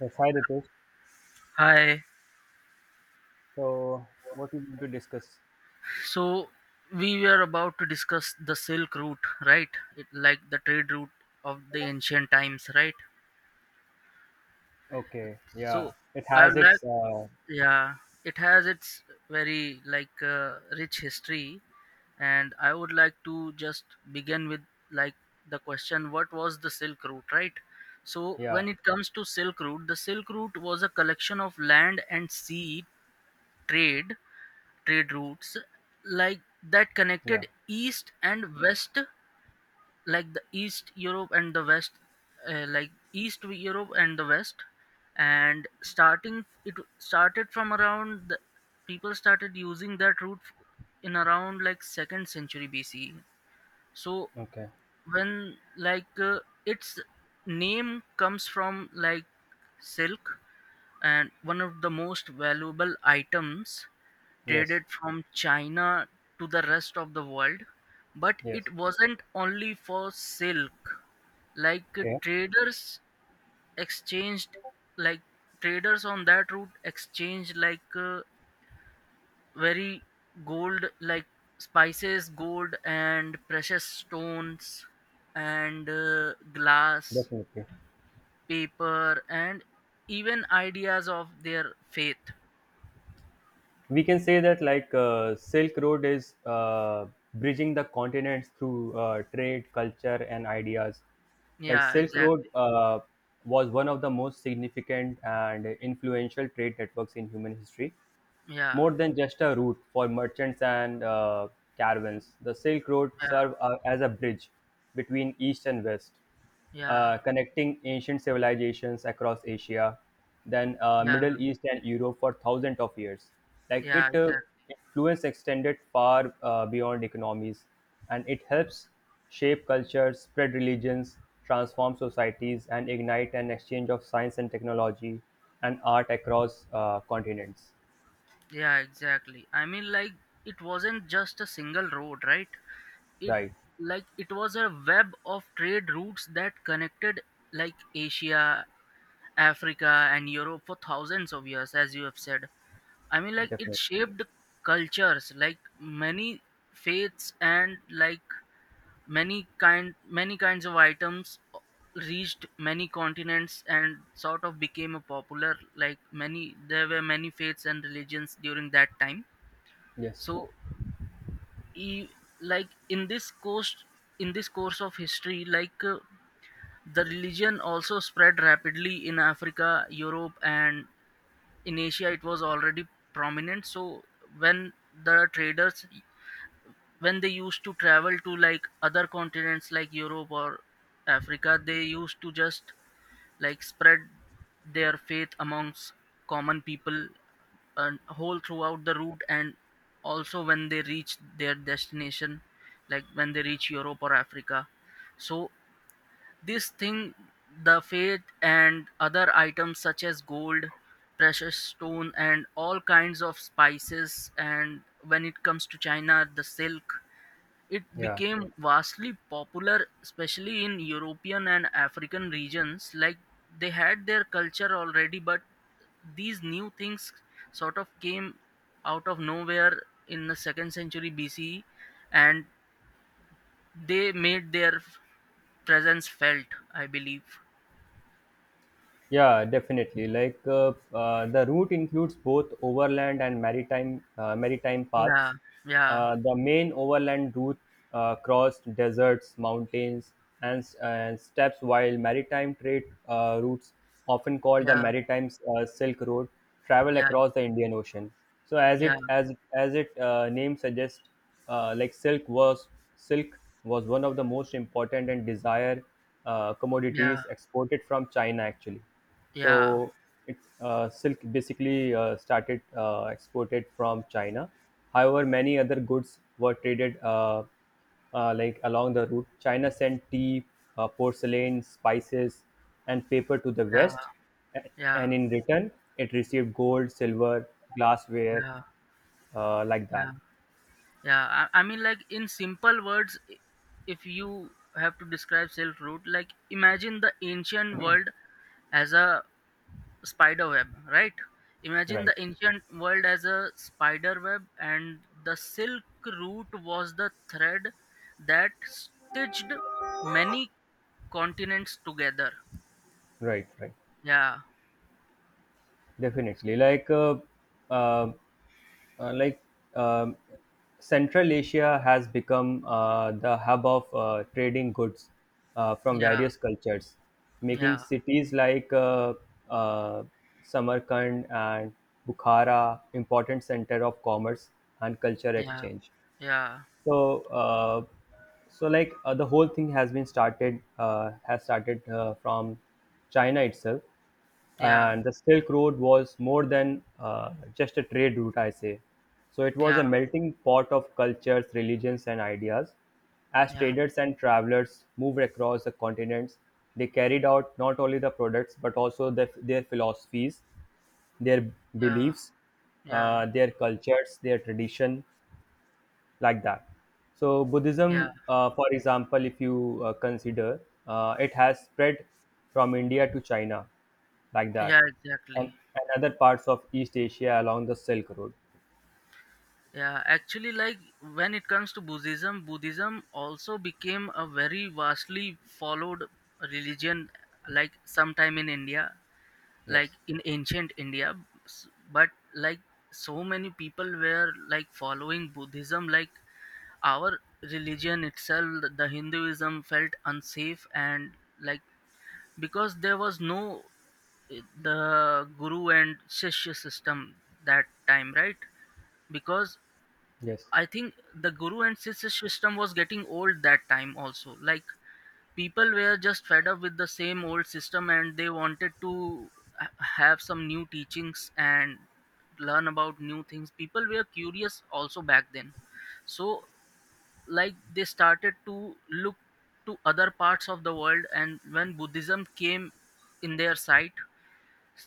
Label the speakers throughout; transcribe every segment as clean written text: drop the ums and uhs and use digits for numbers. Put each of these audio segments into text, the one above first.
Speaker 1: Yes, hi Ritesh.
Speaker 2: Hi.
Speaker 1: So, what you want to discuss?
Speaker 2: So we were about to discuss the Silk Route, right? It, like the trade route of the ancient times, right?
Speaker 1: Okay,
Speaker 2: So
Speaker 1: yeah, it
Speaker 2: I
Speaker 1: has
Speaker 2: would like,
Speaker 1: its
Speaker 2: yeah, it has its very like rich history, and I would like to just begin with like the question: What was the Silk Route, right? So
Speaker 1: yeah,
Speaker 2: when it comes to Silk Route, the Silk Route was a collection of land and sea trade trade routes like that
Speaker 1: yeah.
Speaker 2: connected east and west like the east Europe and the west like east Europe and the west, and starting it started from around the, people started using that route in around like second century BCE. So
Speaker 1: Okay,
Speaker 2: when like its name comes from like silk, and one of the most valuable items
Speaker 1: yes,
Speaker 2: traded from China to the rest of the world, but
Speaker 1: yes.
Speaker 2: it wasn't only for silk. Like
Speaker 1: Okay,
Speaker 2: traders exchanged, like traders on that route exchanged like very gold, like spices, gold, and precious stones, and glass,
Speaker 1: definitely.
Speaker 2: paper, and even ideas of their faith.
Speaker 1: We can say that like Silk Road is bridging the continents through trade, culture, and ideas. Like
Speaker 2: Yeah,
Speaker 1: Silk
Speaker 2: exactly.
Speaker 1: Road was one of the most significant and influential trade networks in human history.
Speaker 2: Yeah,
Speaker 1: More than just a route for merchants and caravans, the Silk Road
Speaker 2: yeah,
Speaker 1: served as a bridge between East and West,
Speaker 2: yeah,
Speaker 1: connecting ancient civilizations across Asia, then
Speaker 2: yeah.
Speaker 1: Middle East and Europe for thousands of years. Like
Speaker 2: Yeah,
Speaker 1: it,
Speaker 2: exactly.
Speaker 1: influence extended far beyond economies, and it helps shape cultures, spread religions, transform societies, and ignite an exchange of science and technology and art across continents.
Speaker 2: Yeah, exactly. I mean, like, it wasn't just a single road, right? It
Speaker 1: Right.
Speaker 2: it was a web of trade routes that connected like Asia, Africa, and Europe for thousands of years, as you have said. I mean, like, it
Speaker 1: Definitely.
Speaker 2: shaped cultures, like many faiths, and like many kinds of items reached many continents and sort of became a popular, like many, there were many faiths and religions during that time.
Speaker 1: Yes.
Speaker 2: So e- like in this course of history, like the religion also spread rapidly in Africa, Europe, and in Asia it was already prominent. So when the traders when they used to travel to like other continents like Europe or Africa, they used to just like spread their faith amongst common people and whole throughout the route, and also when they reach their destination, like when they reach Europe or Africa, so this thing, the faith and other items such as gold, precious stone, and all kinds of spices, and when it comes to China, the silk, it
Speaker 1: Yeah.
Speaker 2: became vastly popular, especially in European and African regions. Like, they had their culture already, but these new things sort of came out of nowhere in the second century BC, and they made their presence felt, I believe.
Speaker 1: Yeah, definitely. Like the route includes both overland and maritime
Speaker 2: Yeah,
Speaker 1: paths.
Speaker 2: yeah,
Speaker 1: The main overland route crossed deserts, mountains, and steppes, while maritime trade routes, often called the
Speaker 2: yeah,
Speaker 1: maritime Silk Road, travel
Speaker 2: yeah,
Speaker 1: across the Indian Ocean. So, as
Speaker 2: yeah,
Speaker 1: it as as it name suggests, like silk was one of the most important and desired
Speaker 2: yeah,
Speaker 1: commodities exported from China actually.
Speaker 2: yeah,
Speaker 1: So it's silk basically started exported from China. However, many other goods were traded like along the route. China sent tea, porcelain, spices, and paper to the
Speaker 2: yeah,
Speaker 1: West, a-
Speaker 2: yeah,
Speaker 1: and in return, it received gold, silver, glassware,
Speaker 2: yeah,
Speaker 1: like
Speaker 2: yeah.
Speaker 1: that.
Speaker 2: Yeah, I mean, like in simple words, if you have to describe Silk Route, like imagine the ancient world as a spider web, right? Imagine
Speaker 1: Right,
Speaker 2: the ancient world as a spider web, and the Silk Route was the thread that stitched many continents together.
Speaker 1: right, right.
Speaker 2: Yeah,
Speaker 1: Definitely. Uh, like um, Central Asia has become the hub of trading goods from
Speaker 2: yeah,
Speaker 1: various cultures, making
Speaker 2: yeah,
Speaker 1: cities like uh, Samarkand and Bukhara important center of commerce and culture
Speaker 2: yeah,
Speaker 1: exchange.
Speaker 2: yeah,
Speaker 1: So, so like the whole thing has been started from China itself,
Speaker 2: yeah,
Speaker 1: and the Silk Road was more than just a trade route, I say. So it was
Speaker 2: yeah,
Speaker 1: a melting pot of cultures, religions, and ideas. As
Speaker 2: yeah, yeah,
Speaker 1: traders and travelers moved across the continents, they carried out not only the products but also their philosophies, their beliefs,
Speaker 2: yeah,
Speaker 1: their cultures, their tradition, like that. So Buddhism,
Speaker 2: yeah,
Speaker 1: for example, if you consider, it has spread from India to China, like
Speaker 2: yeah,
Speaker 1: that,
Speaker 2: exactly.
Speaker 1: and, and other parts of East Asia along the Silk Road.
Speaker 2: Yeah, actually, like when it comes to Buddhism, Buddhism also became a very vastly followed religion, like sometime in India, like
Speaker 1: Yes,
Speaker 2: in ancient India. But like so many people were like following Buddhism, like our religion itself, the Hinduism, felt unsafe, and like because there was no the guru and shishya system that time, right? Because
Speaker 1: yes,
Speaker 2: I think the guru and sister system was getting old that time also. Like, people were just fed up with the same old system and they wanted to have some new teachings and learn about new things. People were curious also back then. So like they started to look to other parts of the world, and when Buddhism came in their sight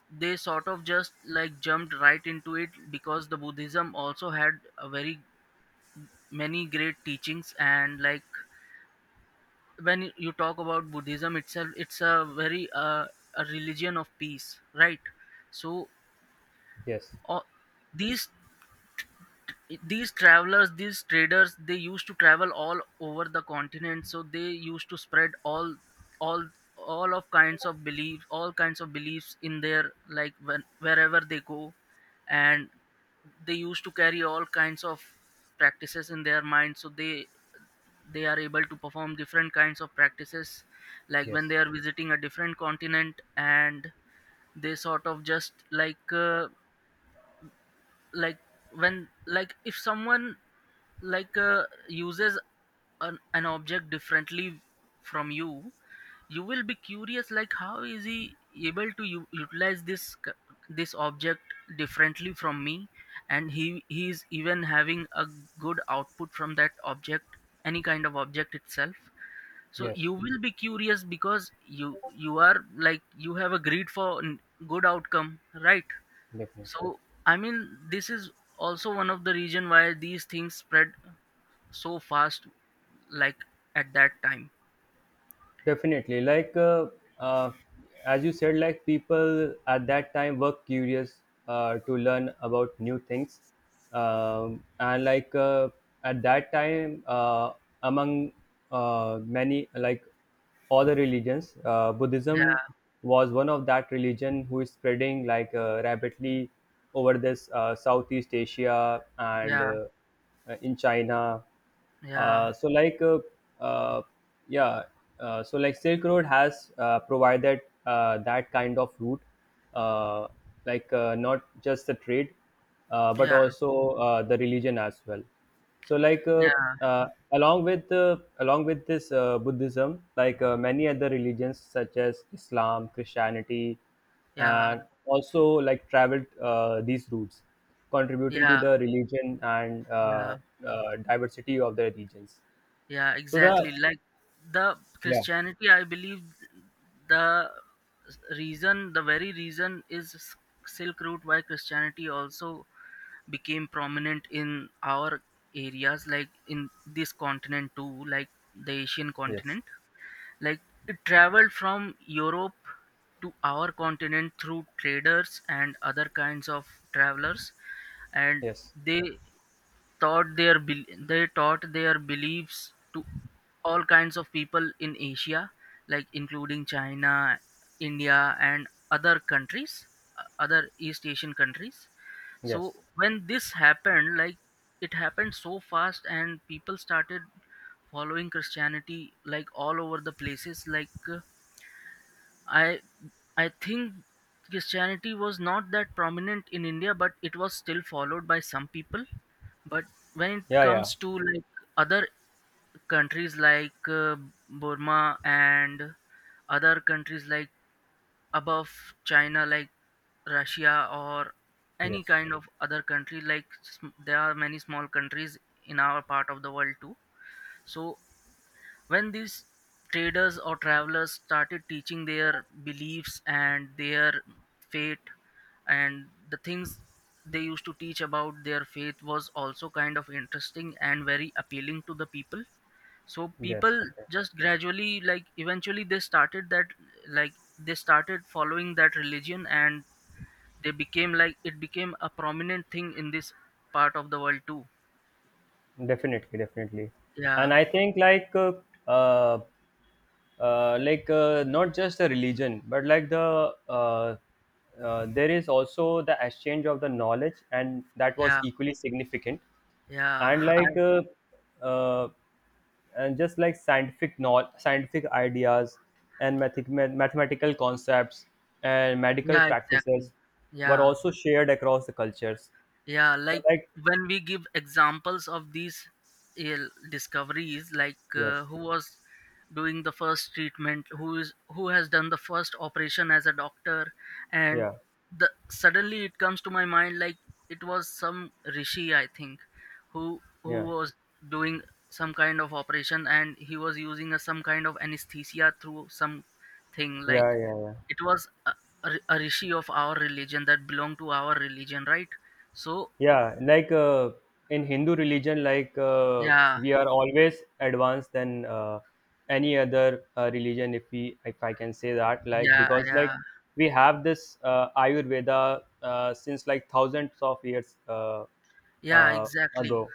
Speaker 2: they sort of just like jumped right into it, because the Buddhism also had a very many great teachings, and like when you talk about Buddhism itself, it's a religion of peace, right? So
Speaker 1: yes,
Speaker 2: uh, these these travelers these traders, they used to travel all over the continent, so they used to spread all all of kinds of beliefs, in their, like when wherever they go, and they used to carry all kinds of practices in their mind, so they are able to perform different kinds of practices like when
Speaker 1: yes,
Speaker 2: they are visiting a different continent. And they sort of just like like, when like if someone like uses an object differently from you, you will be curious, like, how is he able to utilize this object differently from me, and he is even having a good output from that object, any kind of object itself. So
Speaker 1: yes.
Speaker 2: you will be curious because you are like, you have a greed for good outcome, right?
Speaker 1: Definitely.
Speaker 2: So I mean, this is also one of the reason why these things spread so fast, like at that time.
Speaker 1: Definitely. Like, uh, as you said, like people at that time were curious to learn about new things. And like at that time, among many, like all the religions, Buddhism
Speaker 2: Yeah,
Speaker 1: was one of that religion who is spreading like rapidly over this Southeast Asia and
Speaker 2: yeah,
Speaker 1: in China.
Speaker 2: yeah,
Speaker 1: So like uh, yeah so like Silk Road has provided that kind of route, uh, like not just the trade but
Speaker 2: yeah,
Speaker 1: also the religion as well. So like
Speaker 2: yeah,
Speaker 1: uh, along with this Buddhism, like many other religions such as Islam, Christianity,
Speaker 2: yeah,
Speaker 1: and also like traveled these routes, contributing to
Speaker 2: yeah,
Speaker 1: the religion and
Speaker 2: yeah,
Speaker 1: diversity of the regions.
Speaker 2: yeah,
Speaker 1: So the...
Speaker 2: exactly. Like, the
Speaker 1: Yeah,
Speaker 2: Christianity, I believe, the the very reason is Silk Route, why Christianity also became prominent in our areas, like in this continent too, like the Asian
Speaker 1: yes,
Speaker 2: continent. Like, it traveled from Europe to our continent through traders and other kinds of travelers, and
Speaker 1: yes,
Speaker 2: they taught their beliefs to all kinds of people in Asia, like including China, India, and other countries, other East Asian countries. So
Speaker 1: yes,
Speaker 2: when this happened, like, it happened so fast, and people started following Christianity like all over the places, like, I I think Christianity was not that prominent in India, but it was still followed by some people. But when it
Speaker 1: yeah, yeah,
Speaker 2: comes to like other countries like Burma and other countries like above China, like Russia or any
Speaker 1: yes,
Speaker 2: kind of other country, like, there are many small countries in our part of the world too. So when these traders or travelers started teaching their beliefs and their faith, and the things they used to teach about their faith was also kind of interesting and very appealing to the people, so
Speaker 1: yes,
Speaker 2: people
Speaker 1: definitely
Speaker 2: just gradually, like eventually they started that, like they started following that religion, and they became, like it became a prominent thing in this part of the world too.
Speaker 1: definitely. Definitely.
Speaker 2: Yeah,
Speaker 1: And I think uh, like not just the religion but like there is also the exchange of the knowledge, and that was
Speaker 2: yeah,
Speaker 1: equally significant.
Speaker 2: yeah.
Speaker 1: And
Speaker 2: I,
Speaker 1: like uh, and just like scientific knowledge, scientific ideas and mathematical concepts and medical
Speaker 2: yeah, exactly.
Speaker 1: practices were
Speaker 2: Yeah,
Speaker 1: also shared across the cultures.
Speaker 2: yeah.
Speaker 1: So
Speaker 2: Like,
Speaker 1: like...
Speaker 2: when we give examples of these ill discoveries, like
Speaker 1: yes.
Speaker 2: who was doing the first treatment, who has done the first operation as a doctor, and
Speaker 1: Yeah,
Speaker 2: the suddenly it comes to my mind, like it was some rishi I think, who
Speaker 1: yeah,
Speaker 2: was doing some kind of operation, and he was using some kind of anesthesia through some thing, like
Speaker 1: yeah, yeah, yeah.
Speaker 2: it was a rishi of our religion, that belonged to our religion, right? So
Speaker 1: Yeah, like in Hindu religion, like
Speaker 2: yeah,
Speaker 1: we are always advanced than any other religion, if I can say that, like
Speaker 2: yeah,
Speaker 1: because like
Speaker 2: yeah,
Speaker 1: we have this Ayurveda since like thousands of years
Speaker 2: yeah,
Speaker 1: uh,
Speaker 2: exactly.
Speaker 1: ago.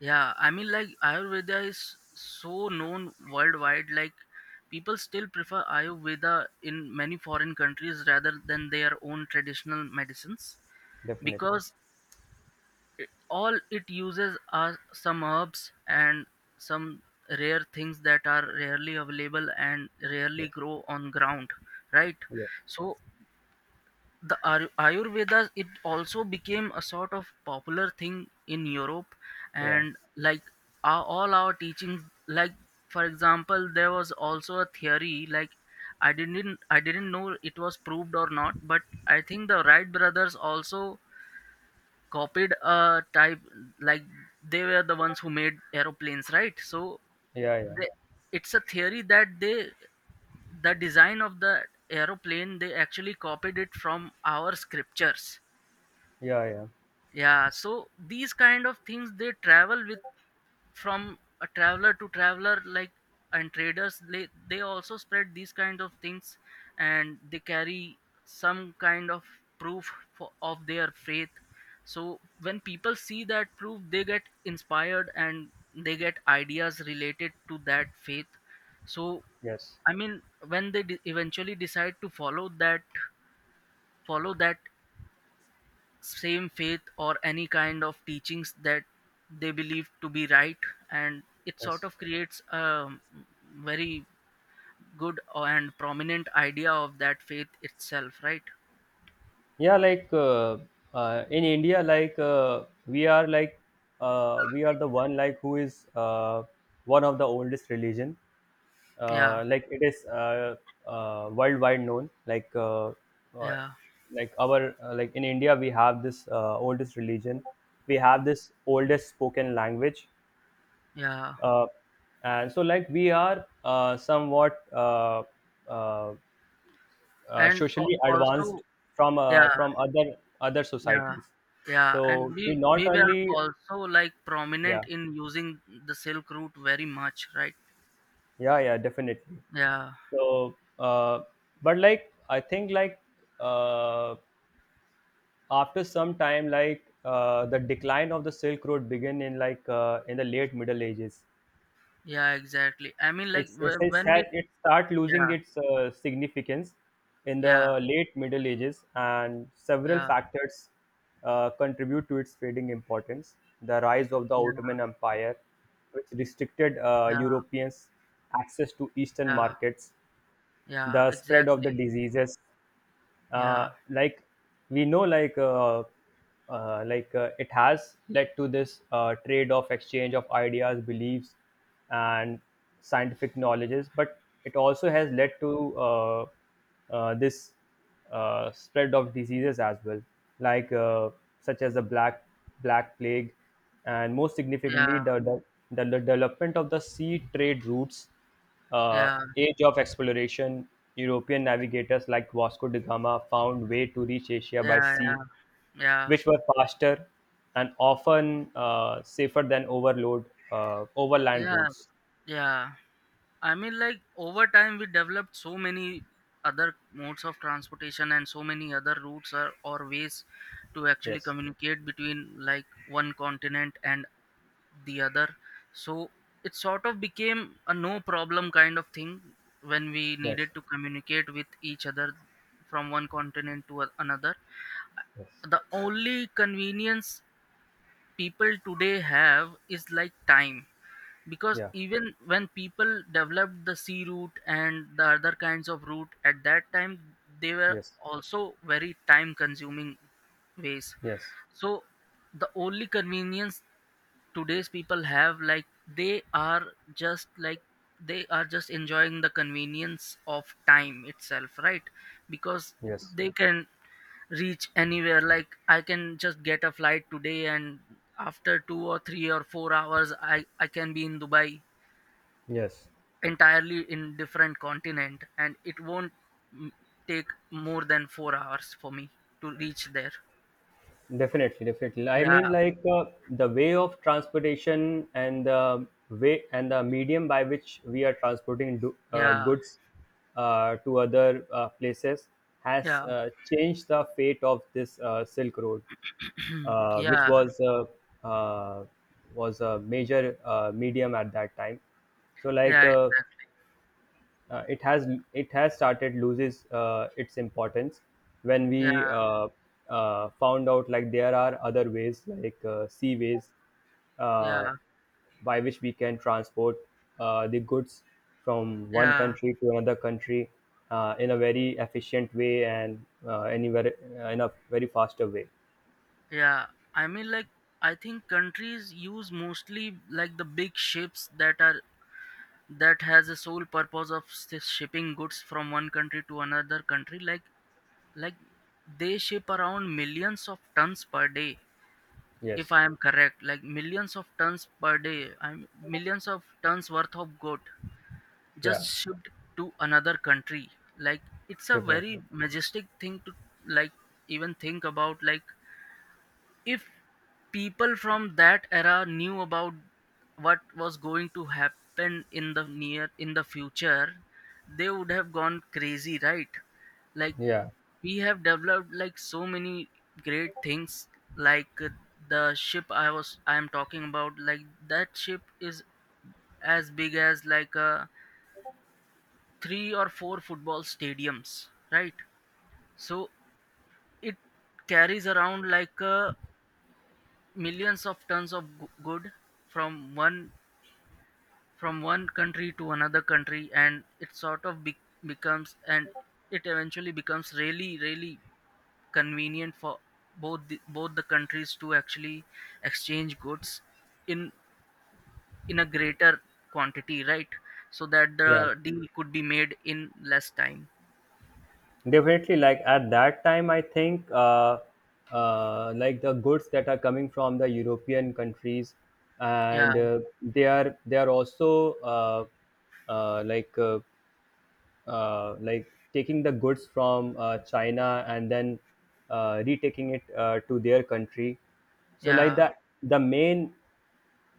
Speaker 2: Yeah, I mean, like Ayurveda is so known worldwide. Like, people still prefer Ayurveda in many foreign countries rather than their own traditional medicines,
Speaker 1: Definitely.
Speaker 2: because all it uses are some herbs and some rare things that are rarely available and rarely
Speaker 1: Yes,
Speaker 2: grow on ground, right?
Speaker 1: yes,
Speaker 2: So the Ayurveda, it also became a sort of popular thing in Europe,
Speaker 1: yeah,
Speaker 2: and like all our teachings, like for example, there was also a theory, like I didn't know it was proved or not, but I think the Wright brothers also copied a type, like they were the ones who made aeroplanes, right? So
Speaker 1: yeah, yeah,
Speaker 2: they, it's a theory that the design of the aeroplane they actually copied it from our scriptures.
Speaker 1: yeah, yeah.
Speaker 2: Yeah, so these kind of things, they travel with from a traveler to traveler, like, and traders, they also spread these kind of things, and they carry some kind of proof of their faith, so when people see that proof they get inspired and they get ideas related to that faith. So
Speaker 1: Yes,
Speaker 2: I mean, when they eventually decide to follow that, follow that same faith or any kind of teachings that they believe to be right, and it sort
Speaker 1: yes.
Speaker 2: of creates a very good and prominent idea of that faith itself, right?
Speaker 1: Yeah, like in India, like we are the one like who is one of the oldest religion.
Speaker 2: Yeah,
Speaker 1: Like it is worldwide known. Uh,
Speaker 2: yeah,
Speaker 1: like our like in India, we have this oldest religion. We have this oldest spoken language.
Speaker 2: yeah.
Speaker 1: Uh, and so like we are somewhat uh,
Speaker 2: And
Speaker 1: socially
Speaker 2: also,
Speaker 1: advanced from
Speaker 2: yeah,
Speaker 1: from other
Speaker 2: yeah,
Speaker 1: societies.
Speaker 2: yeah, and
Speaker 1: So
Speaker 2: we
Speaker 1: we not
Speaker 2: we were
Speaker 1: only...
Speaker 2: also like prominent
Speaker 1: yeah,
Speaker 2: in using the Silk Route very much, right?
Speaker 1: yeah, yeah, definitely.
Speaker 2: Yeah,
Speaker 1: So but like I think like uh, after some time, like the decline of the Silk Road began in, like in the late Middle Ages.
Speaker 2: yeah, exactly. I mean, like
Speaker 1: It's it's it's
Speaker 2: when we,
Speaker 1: had it start losing
Speaker 2: yeah,
Speaker 1: its significance in the
Speaker 2: yeah,
Speaker 1: late Middle Ages, and several
Speaker 2: yeah,
Speaker 1: factors contribute to its fading importance. The rise of the
Speaker 2: yeah,
Speaker 1: Ottoman Empire, which restricted
Speaker 2: yeah,
Speaker 1: Europeans access to Eastern
Speaker 2: yeah.
Speaker 1: markets,
Speaker 2: Yeah,
Speaker 1: the spread of the
Speaker 2: exactly.
Speaker 1: diseases.
Speaker 2: Yeah.
Speaker 1: Like we know, like it has led to this trade of exchange of ideas, beliefs, and scientific knowledges, but it also has
Speaker 2: Mm,
Speaker 1: led to this spread of diseases as well, like such as the black plague, and most
Speaker 2: yeah,
Speaker 1: significantly the development of the sea trade routes, uh,
Speaker 2: yeah,
Speaker 1: age of exploration. European navigators like Vasco da Gama found way to reach Asia by
Speaker 2: yeah,
Speaker 1: sea,
Speaker 2: yeah, yeah,
Speaker 1: which were faster and often safer than overload overland
Speaker 2: yeah,
Speaker 1: routes.
Speaker 2: yeah. I mean, like over time, we developed so many other modes of transportation and so many other routes or ways to actually
Speaker 1: Yes,
Speaker 2: communicate between like one continent and the other. So it sort of became a no problem kind of thing when we needed
Speaker 1: yes,
Speaker 2: to communicate with each other from one continent to another.
Speaker 1: yes,
Speaker 2: The only convenience people today have is like time, because
Speaker 1: yeah,
Speaker 2: even when people developed the sea route and the other kinds of route at that time they were
Speaker 1: yes,
Speaker 2: also very time consuming ways.
Speaker 1: yes,
Speaker 2: So the only convenience today's people have, like, they are just like they are just enjoying the convenience of time itself, right? Because
Speaker 1: yes,
Speaker 2: they can reach anywhere, like I can just get a flight today and after 2 or 3 or 4 hours I can be in Dubai,
Speaker 1: yes.
Speaker 2: entirely in different continent, and it won't, mm, take more than 4 hours for me to reach there.
Speaker 1: Definitely, definitely. I
Speaker 2: Yeah,
Speaker 1: mean, like the way of transportation and the way and the medium by which we are transporting
Speaker 2: yeah,
Speaker 1: goods to other places has
Speaker 2: yeah.
Speaker 1: changed the fate of this Silk Road, which
Speaker 2: Yeah,
Speaker 1: was uh, was a major medium at that time. So, like
Speaker 2: yeah exactly,
Speaker 1: uh, it has it has started loses its importance when
Speaker 2: yeah,
Speaker 1: we found out like there are other ways, like sea ways, uh,
Speaker 2: yeah.
Speaker 1: by which we can transport the goods from one
Speaker 2: Yeah,
Speaker 1: country to another country in a very efficient way and anywhere in a very faster way.
Speaker 2: yeah. I mean, like, I think countries use mostly like the big ships that are that has a sole purpose of shipping goods from one country to another country. Like they ship around millions of tons per day, if
Speaker 1: Yes.
Speaker 2: I am correct. Like millions of tons per day. I'm millions of tons worth of good just
Speaker 1: Yeah,
Speaker 2: shipped to another country. Like, it's a
Speaker 1: definitely.
Speaker 2: very majestic thing to, like, even think about. Like, if people from that era knew about what was going to happen in the near in the future, they would have gone crazy, right? Like
Speaker 1: Yeah,
Speaker 2: we have developed like so many great things, like the ship I am talking about, like that ship is as big as like three or four football stadiums, right? So it carries around like a millions of tons of good from one from one country to another country, and it sort of becomes and it eventually becomes really really convenient for both the countries to actually exchange goods in in a greater quantity, right? So that
Speaker 1: yeah.
Speaker 2: the deal could be made in less time.
Speaker 1: Definitely, like at that time, I think like the goods that are coming from the European countries, and
Speaker 2: Yeah,
Speaker 1: they are also uh, like uh, like taking the goods from China, and then retaking it to their country. So like
Speaker 2: yeah,
Speaker 1: the main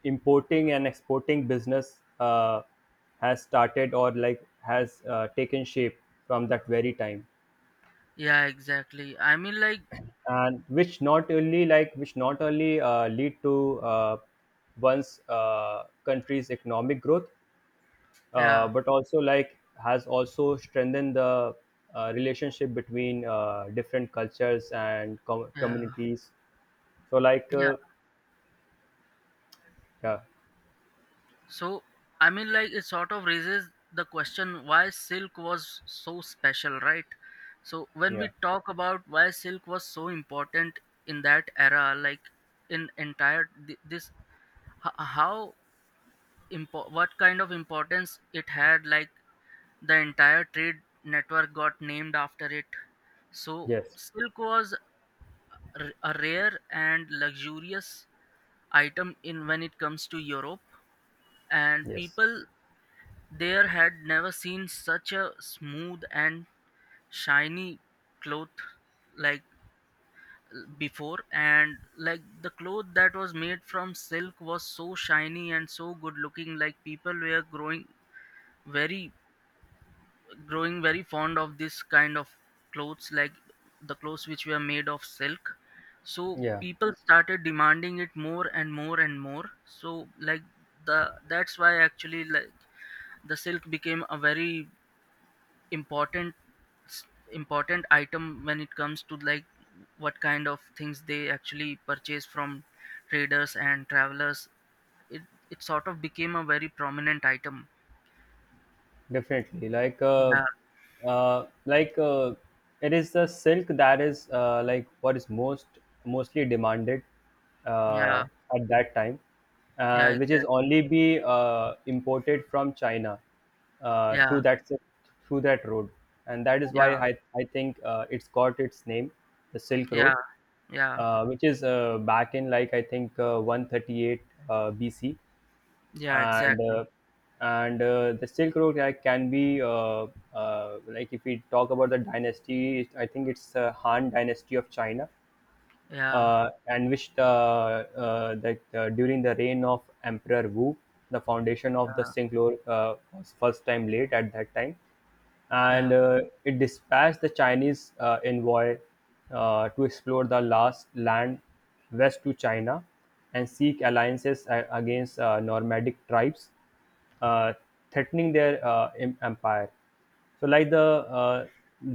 Speaker 1: importing and exporting business has started or like has taken shape from that very time.
Speaker 2: yeah exactly. I mean, like,
Speaker 1: And which not only lead to one's country's economic growth,
Speaker 2: yeah,
Speaker 1: but also like has also strengthened the relationship between different cultures and com-
Speaker 2: yeah,
Speaker 1: communities So like
Speaker 2: yeah.
Speaker 1: yeah,
Speaker 2: So, I mean, like, it sort of raises the question why silk was so special, right? So, when we
Speaker 1: yeah,
Speaker 2: talk about why silk was so important in that era, like, in entire this, how what kind of importance it had, like, the entire trade network got named after it. So,
Speaker 1: yes,
Speaker 2: silk was a rare and luxurious item in when it comes to Europe and
Speaker 1: yes,
Speaker 2: people. There had never seen such a smooth and shiny cloth like before, and like the cloth that was made from silk was so shiny and so good looking, like people were very growing very fond of this kind of clothes, like the clothes which were made of silk. So
Speaker 1: yeah.
Speaker 2: people started demanding it more and more and more, so like the that's why actually, like the silk became a very important s- important item when it comes to like what kind of things they actually purchase from traders and travelers. it, it sort of became a very prominent item.
Speaker 1: Definitely.
Speaker 2: Yeah,
Speaker 1: Like it is the silk that is like what is mostly demanded
Speaker 2: yeah,
Speaker 1: uh, at that time,
Speaker 2: yeah
Speaker 1: which is
Speaker 2: exactly,
Speaker 1: only be imported from China uh,
Speaker 2: yeah,
Speaker 1: through that si- through that road, and that is
Speaker 2: yeah,
Speaker 1: why I think it's got its name, the Silk
Speaker 2: yeah,
Speaker 1: Road,
Speaker 2: yeah,
Speaker 1: which is back in, like I think 138 BC.
Speaker 2: yeah
Speaker 1: and
Speaker 2: exactly,
Speaker 1: uh, and the Silk Road can be like, if we talk about the dynasty, I think it's Han Dynasty of China,
Speaker 2: yeah,
Speaker 1: and which the that during the reign of Emperor Wu, the foundation of the
Speaker 2: yeah,
Speaker 1: Silk Road was first time laid at that time, and
Speaker 2: yeah,
Speaker 1: it dispatched the Chinese envoy to explore the last land west to China and seek alliances against nomadic tribes, uh, threatening their empire. So, like the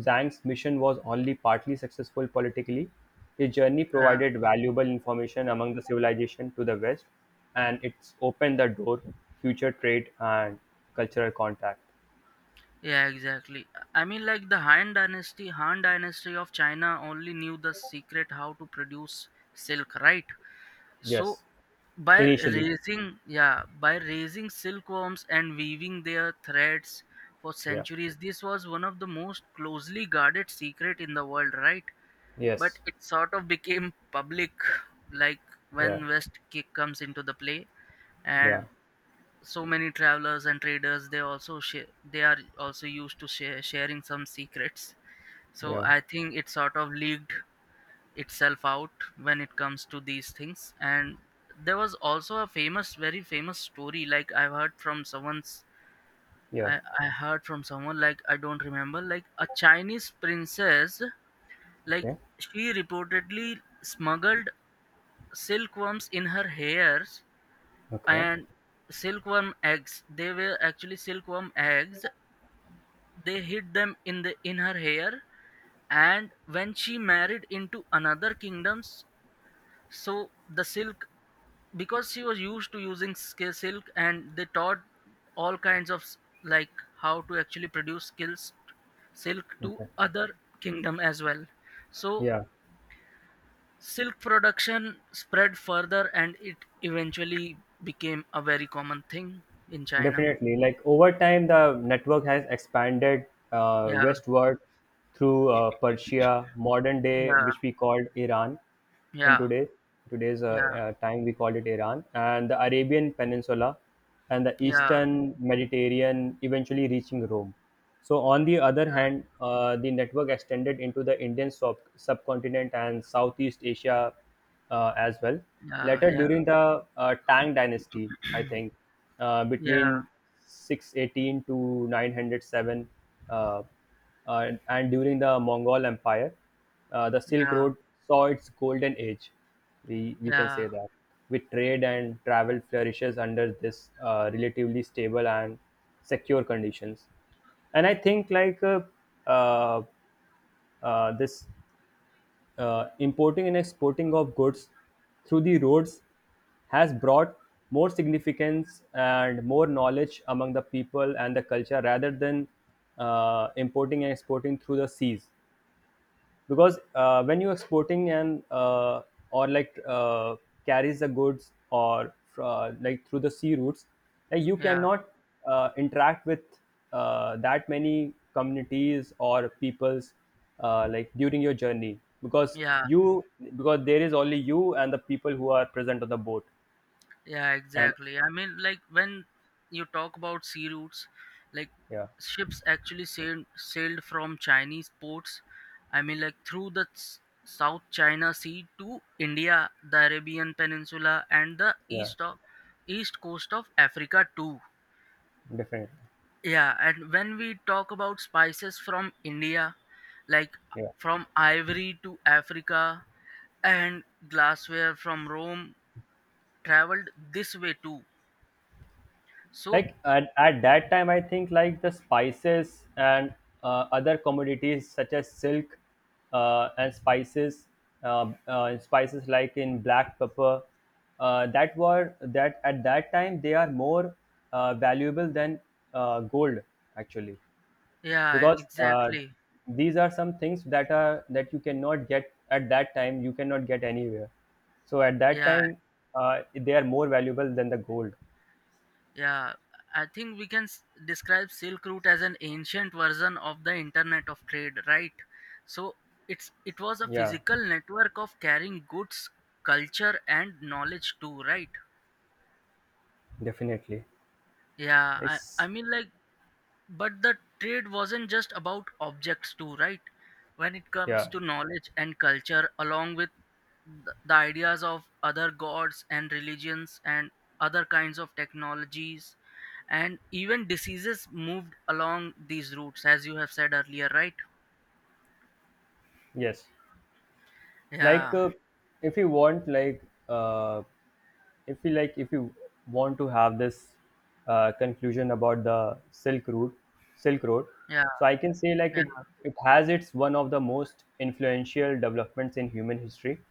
Speaker 1: Zhang's mission was only partly successful politically. His journey
Speaker 2: yeah,
Speaker 1: provided valuable information among the civilization to the west, and it's opened the door future trade and cultural contact.
Speaker 2: yeah exactly. I mean, like the Han Dynasty of China only knew the secret how to produce silk, right? So
Speaker 1: Yes.
Speaker 2: by
Speaker 1: Initially.
Speaker 2: raising, yeah, by raising silkworms and weaving their threads for
Speaker 1: Yeah,
Speaker 2: centuries, this was one of the most closely guarded secret in the world, right? But
Speaker 1: yes,
Speaker 2: it sort of became public, like, when
Speaker 1: yeah,
Speaker 2: West Kick comes into the play,
Speaker 1: yeah,
Speaker 2: and so many travelers and traders they also share they are also used to sharing some secrets, so
Speaker 1: yeah,
Speaker 2: I think it sort of leaked itself out when it comes to these things. And there was also a famous very famous story, like I've heard from someone's
Speaker 1: yeah.
Speaker 2: I heard from someone, like I don't remember, like a Chinese princess, like
Speaker 1: Okay,
Speaker 2: she reportedly smuggled silkworms in her hairs,
Speaker 1: okay,
Speaker 2: and silkworm eggs, they were actually silkworm eggs, they hid them in the in her hair, and when she married into another kingdoms, so the silk, because she was used to using silk and they taught all kinds of like how to actually produce skills silk to
Speaker 1: okay.
Speaker 2: other kingdom as well. So
Speaker 1: Yeah.
Speaker 2: silk production spread further and it eventually became a very common thing in China.
Speaker 1: Definitely. Like over time, the network has expanded
Speaker 2: Yeah,
Speaker 1: westward through Persia, modern day,
Speaker 2: yeah,
Speaker 1: which we called Iran in
Speaker 2: yeah,
Speaker 1: today's
Speaker 2: yeah,
Speaker 1: time we called it Iran, and the Arabian Peninsula, and the
Speaker 2: yeah,
Speaker 1: Eastern Mediterranean, eventually reaching Rome. So on the other hand, the network extended into the Indian subcontinent and Southeast Asia as well.
Speaker 2: yeah,
Speaker 1: Later,
Speaker 2: yeah,
Speaker 1: during the Tang Dynasty, I think
Speaker 2: yeah,
Speaker 1: between 618 to 907, uh, and during the Mongol Empire, the Silk
Speaker 2: yeah,
Speaker 1: Road saw its golden age, we can
Speaker 2: yeah,
Speaker 1: say that, with trade and travel flourishes under this relatively stable and secure conditions. And I think like uh, this importing and exporting of goods through the roads has brought more significance and more knowledge among the people and the culture rather than importing and exporting through the seas, because when you're exporting and or like carries the goods or like through the sea routes, like you
Speaker 2: yeah,
Speaker 1: cannot interact with that many communities or peoples, like during your journey, because
Speaker 2: yeah.
Speaker 1: you because there is only you and the people who are present on the boat
Speaker 2: Yeah,
Speaker 1: and...
Speaker 2: exactly. I mean, like when you talk about sea routes, like
Speaker 1: yeah,
Speaker 2: ships actually sailed from Chinese ports. I mean, like through the South China Sea to India, the Arabian Peninsula, and the
Speaker 1: yeah,
Speaker 2: east coast of Africa too.
Speaker 1: definitely.
Speaker 2: Yeah, and when we talk about spices from India, like
Speaker 1: Yeah,
Speaker 2: from ivory to Africa and glassware from Rome traveled this way too. So
Speaker 1: like at that time, I think like the spices and other commodities such as silk and spices spices like in black pepper, that at that time they are more valuable than gold actually,
Speaker 2: yeah,
Speaker 1: because
Speaker 2: exactly.
Speaker 1: these are some things that you cannot get at that time, you cannot get anywhere, so at that
Speaker 2: Yeah,
Speaker 1: time they are more valuable than the gold.
Speaker 2: yeah. I think we can describe Silk Route as an ancient version of the Internet of Trade, right? So it's it was a
Speaker 1: Yeah,
Speaker 2: physical network of carrying goods, culture, and knowledge too, right?
Speaker 1: definitely.
Speaker 2: Yeah, I
Speaker 1: It's...
Speaker 2: mean like. But the trade wasn't just about objects, too, right? When it comes
Speaker 1: yeah,
Speaker 2: to knowledge and culture, along with the ideas of other gods and religions and other kinds of technologies, and even diseases moved along these routes, as you have said earlier, right?
Speaker 1: yes. Like
Speaker 2: Yeah,
Speaker 1: if you want, like uh, if you want to have this conclusion about the Silk Road.
Speaker 2: yeah,
Speaker 1: So I can say like it
Speaker 2: yeah,
Speaker 1: it has its one of the most influential developments in human history.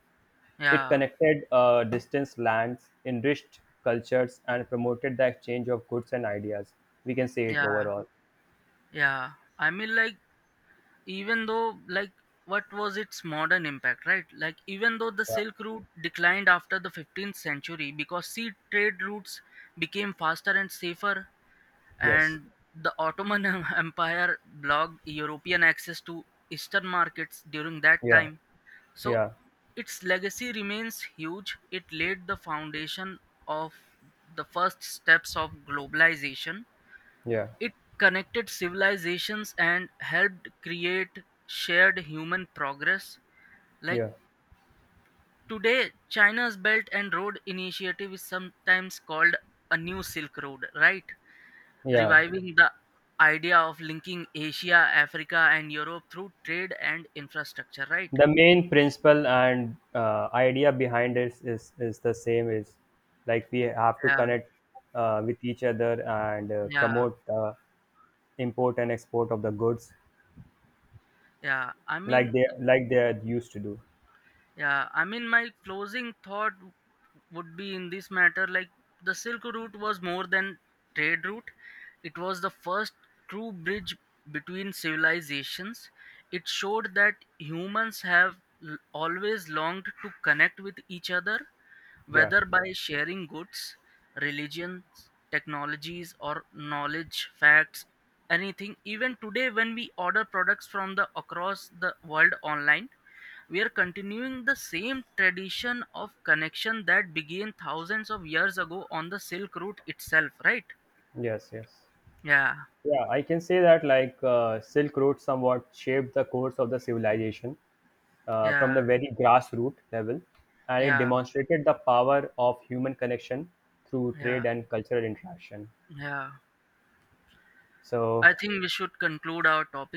Speaker 1: It
Speaker 2: yeah,
Speaker 1: connected distant lands, enriched cultures, and promoted the exchange of goods and ideas. We can say it
Speaker 2: yeah,
Speaker 1: overall.
Speaker 2: yeah. I mean, like, even though like what was its modern impact, right? Like even though the
Speaker 1: Yeah.
Speaker 2: silk route declined after the 15th century because sea trade routes became faster and safer,
Speaker 1: Yes.
Speaker 2: and the ottoman empire blocked european access to eastern markets during that
Speaker 1: Yeah.
Speaker 2: time, so
Speaker 1: Yeah.
Speaker 2: its legacy remains huge. It laid the foundation of the first steps of globalization.
Speaker 1: Yeah.
Speaker 2: It connected civilizations and helped create shared human progress. Like
Speaker 1: Yeah.
Speaker 2: today, China's Belt and Road Initiative is sometimes called a new Silk Road, right?
Speaker 1: Yeah.
Speaker 2: Reviving the idea of linking Asia, Africa, and Europe through trade and infrastructure, right?
Speaker 1: The main principle and idea behind it is the same is, like we have to
Speaker 2: Yeah,
Speaker 1: connect with each other and
Speaker 2: yeah,
Speaker 1: promote the import and export of the goods
Speaker 2: yeah.
Speaker 1: like they used to do.
Speaker 2: Yeah, I mean, my closing thought would be in this matter, like the Silk Route was more than trade route. It was the first true bridge between civilizations. It showed that humans have always longed to connect with each other,
Speaker 1: Yeah.
Speaker 2: whether by sharing goods, religions, technologies, or knowledge, facts, anything. Even today, when we order products from the across the world online, we are continuing the same tradition of connection that began thousands of years ago on the Silk Route itself, right?
Speaker 1: Yes. Yes.
Speaker 2: Yeah,
Speaker 1: Yeah, I can say that like Silk Road somewhat shaped the course of the civilization from
Speaker 2: yeah,
Speaker 1: the very grassroots level, and it
Speaker 2: yeah,
Speaker 1: demonstrated the power of human connection through
Speaker 2: yeah,
Speaker 1: trade and cultural interaction.
Speaker 2: yeah.
Speaker 1: So
Speaker 2: I think we should conclude our topic.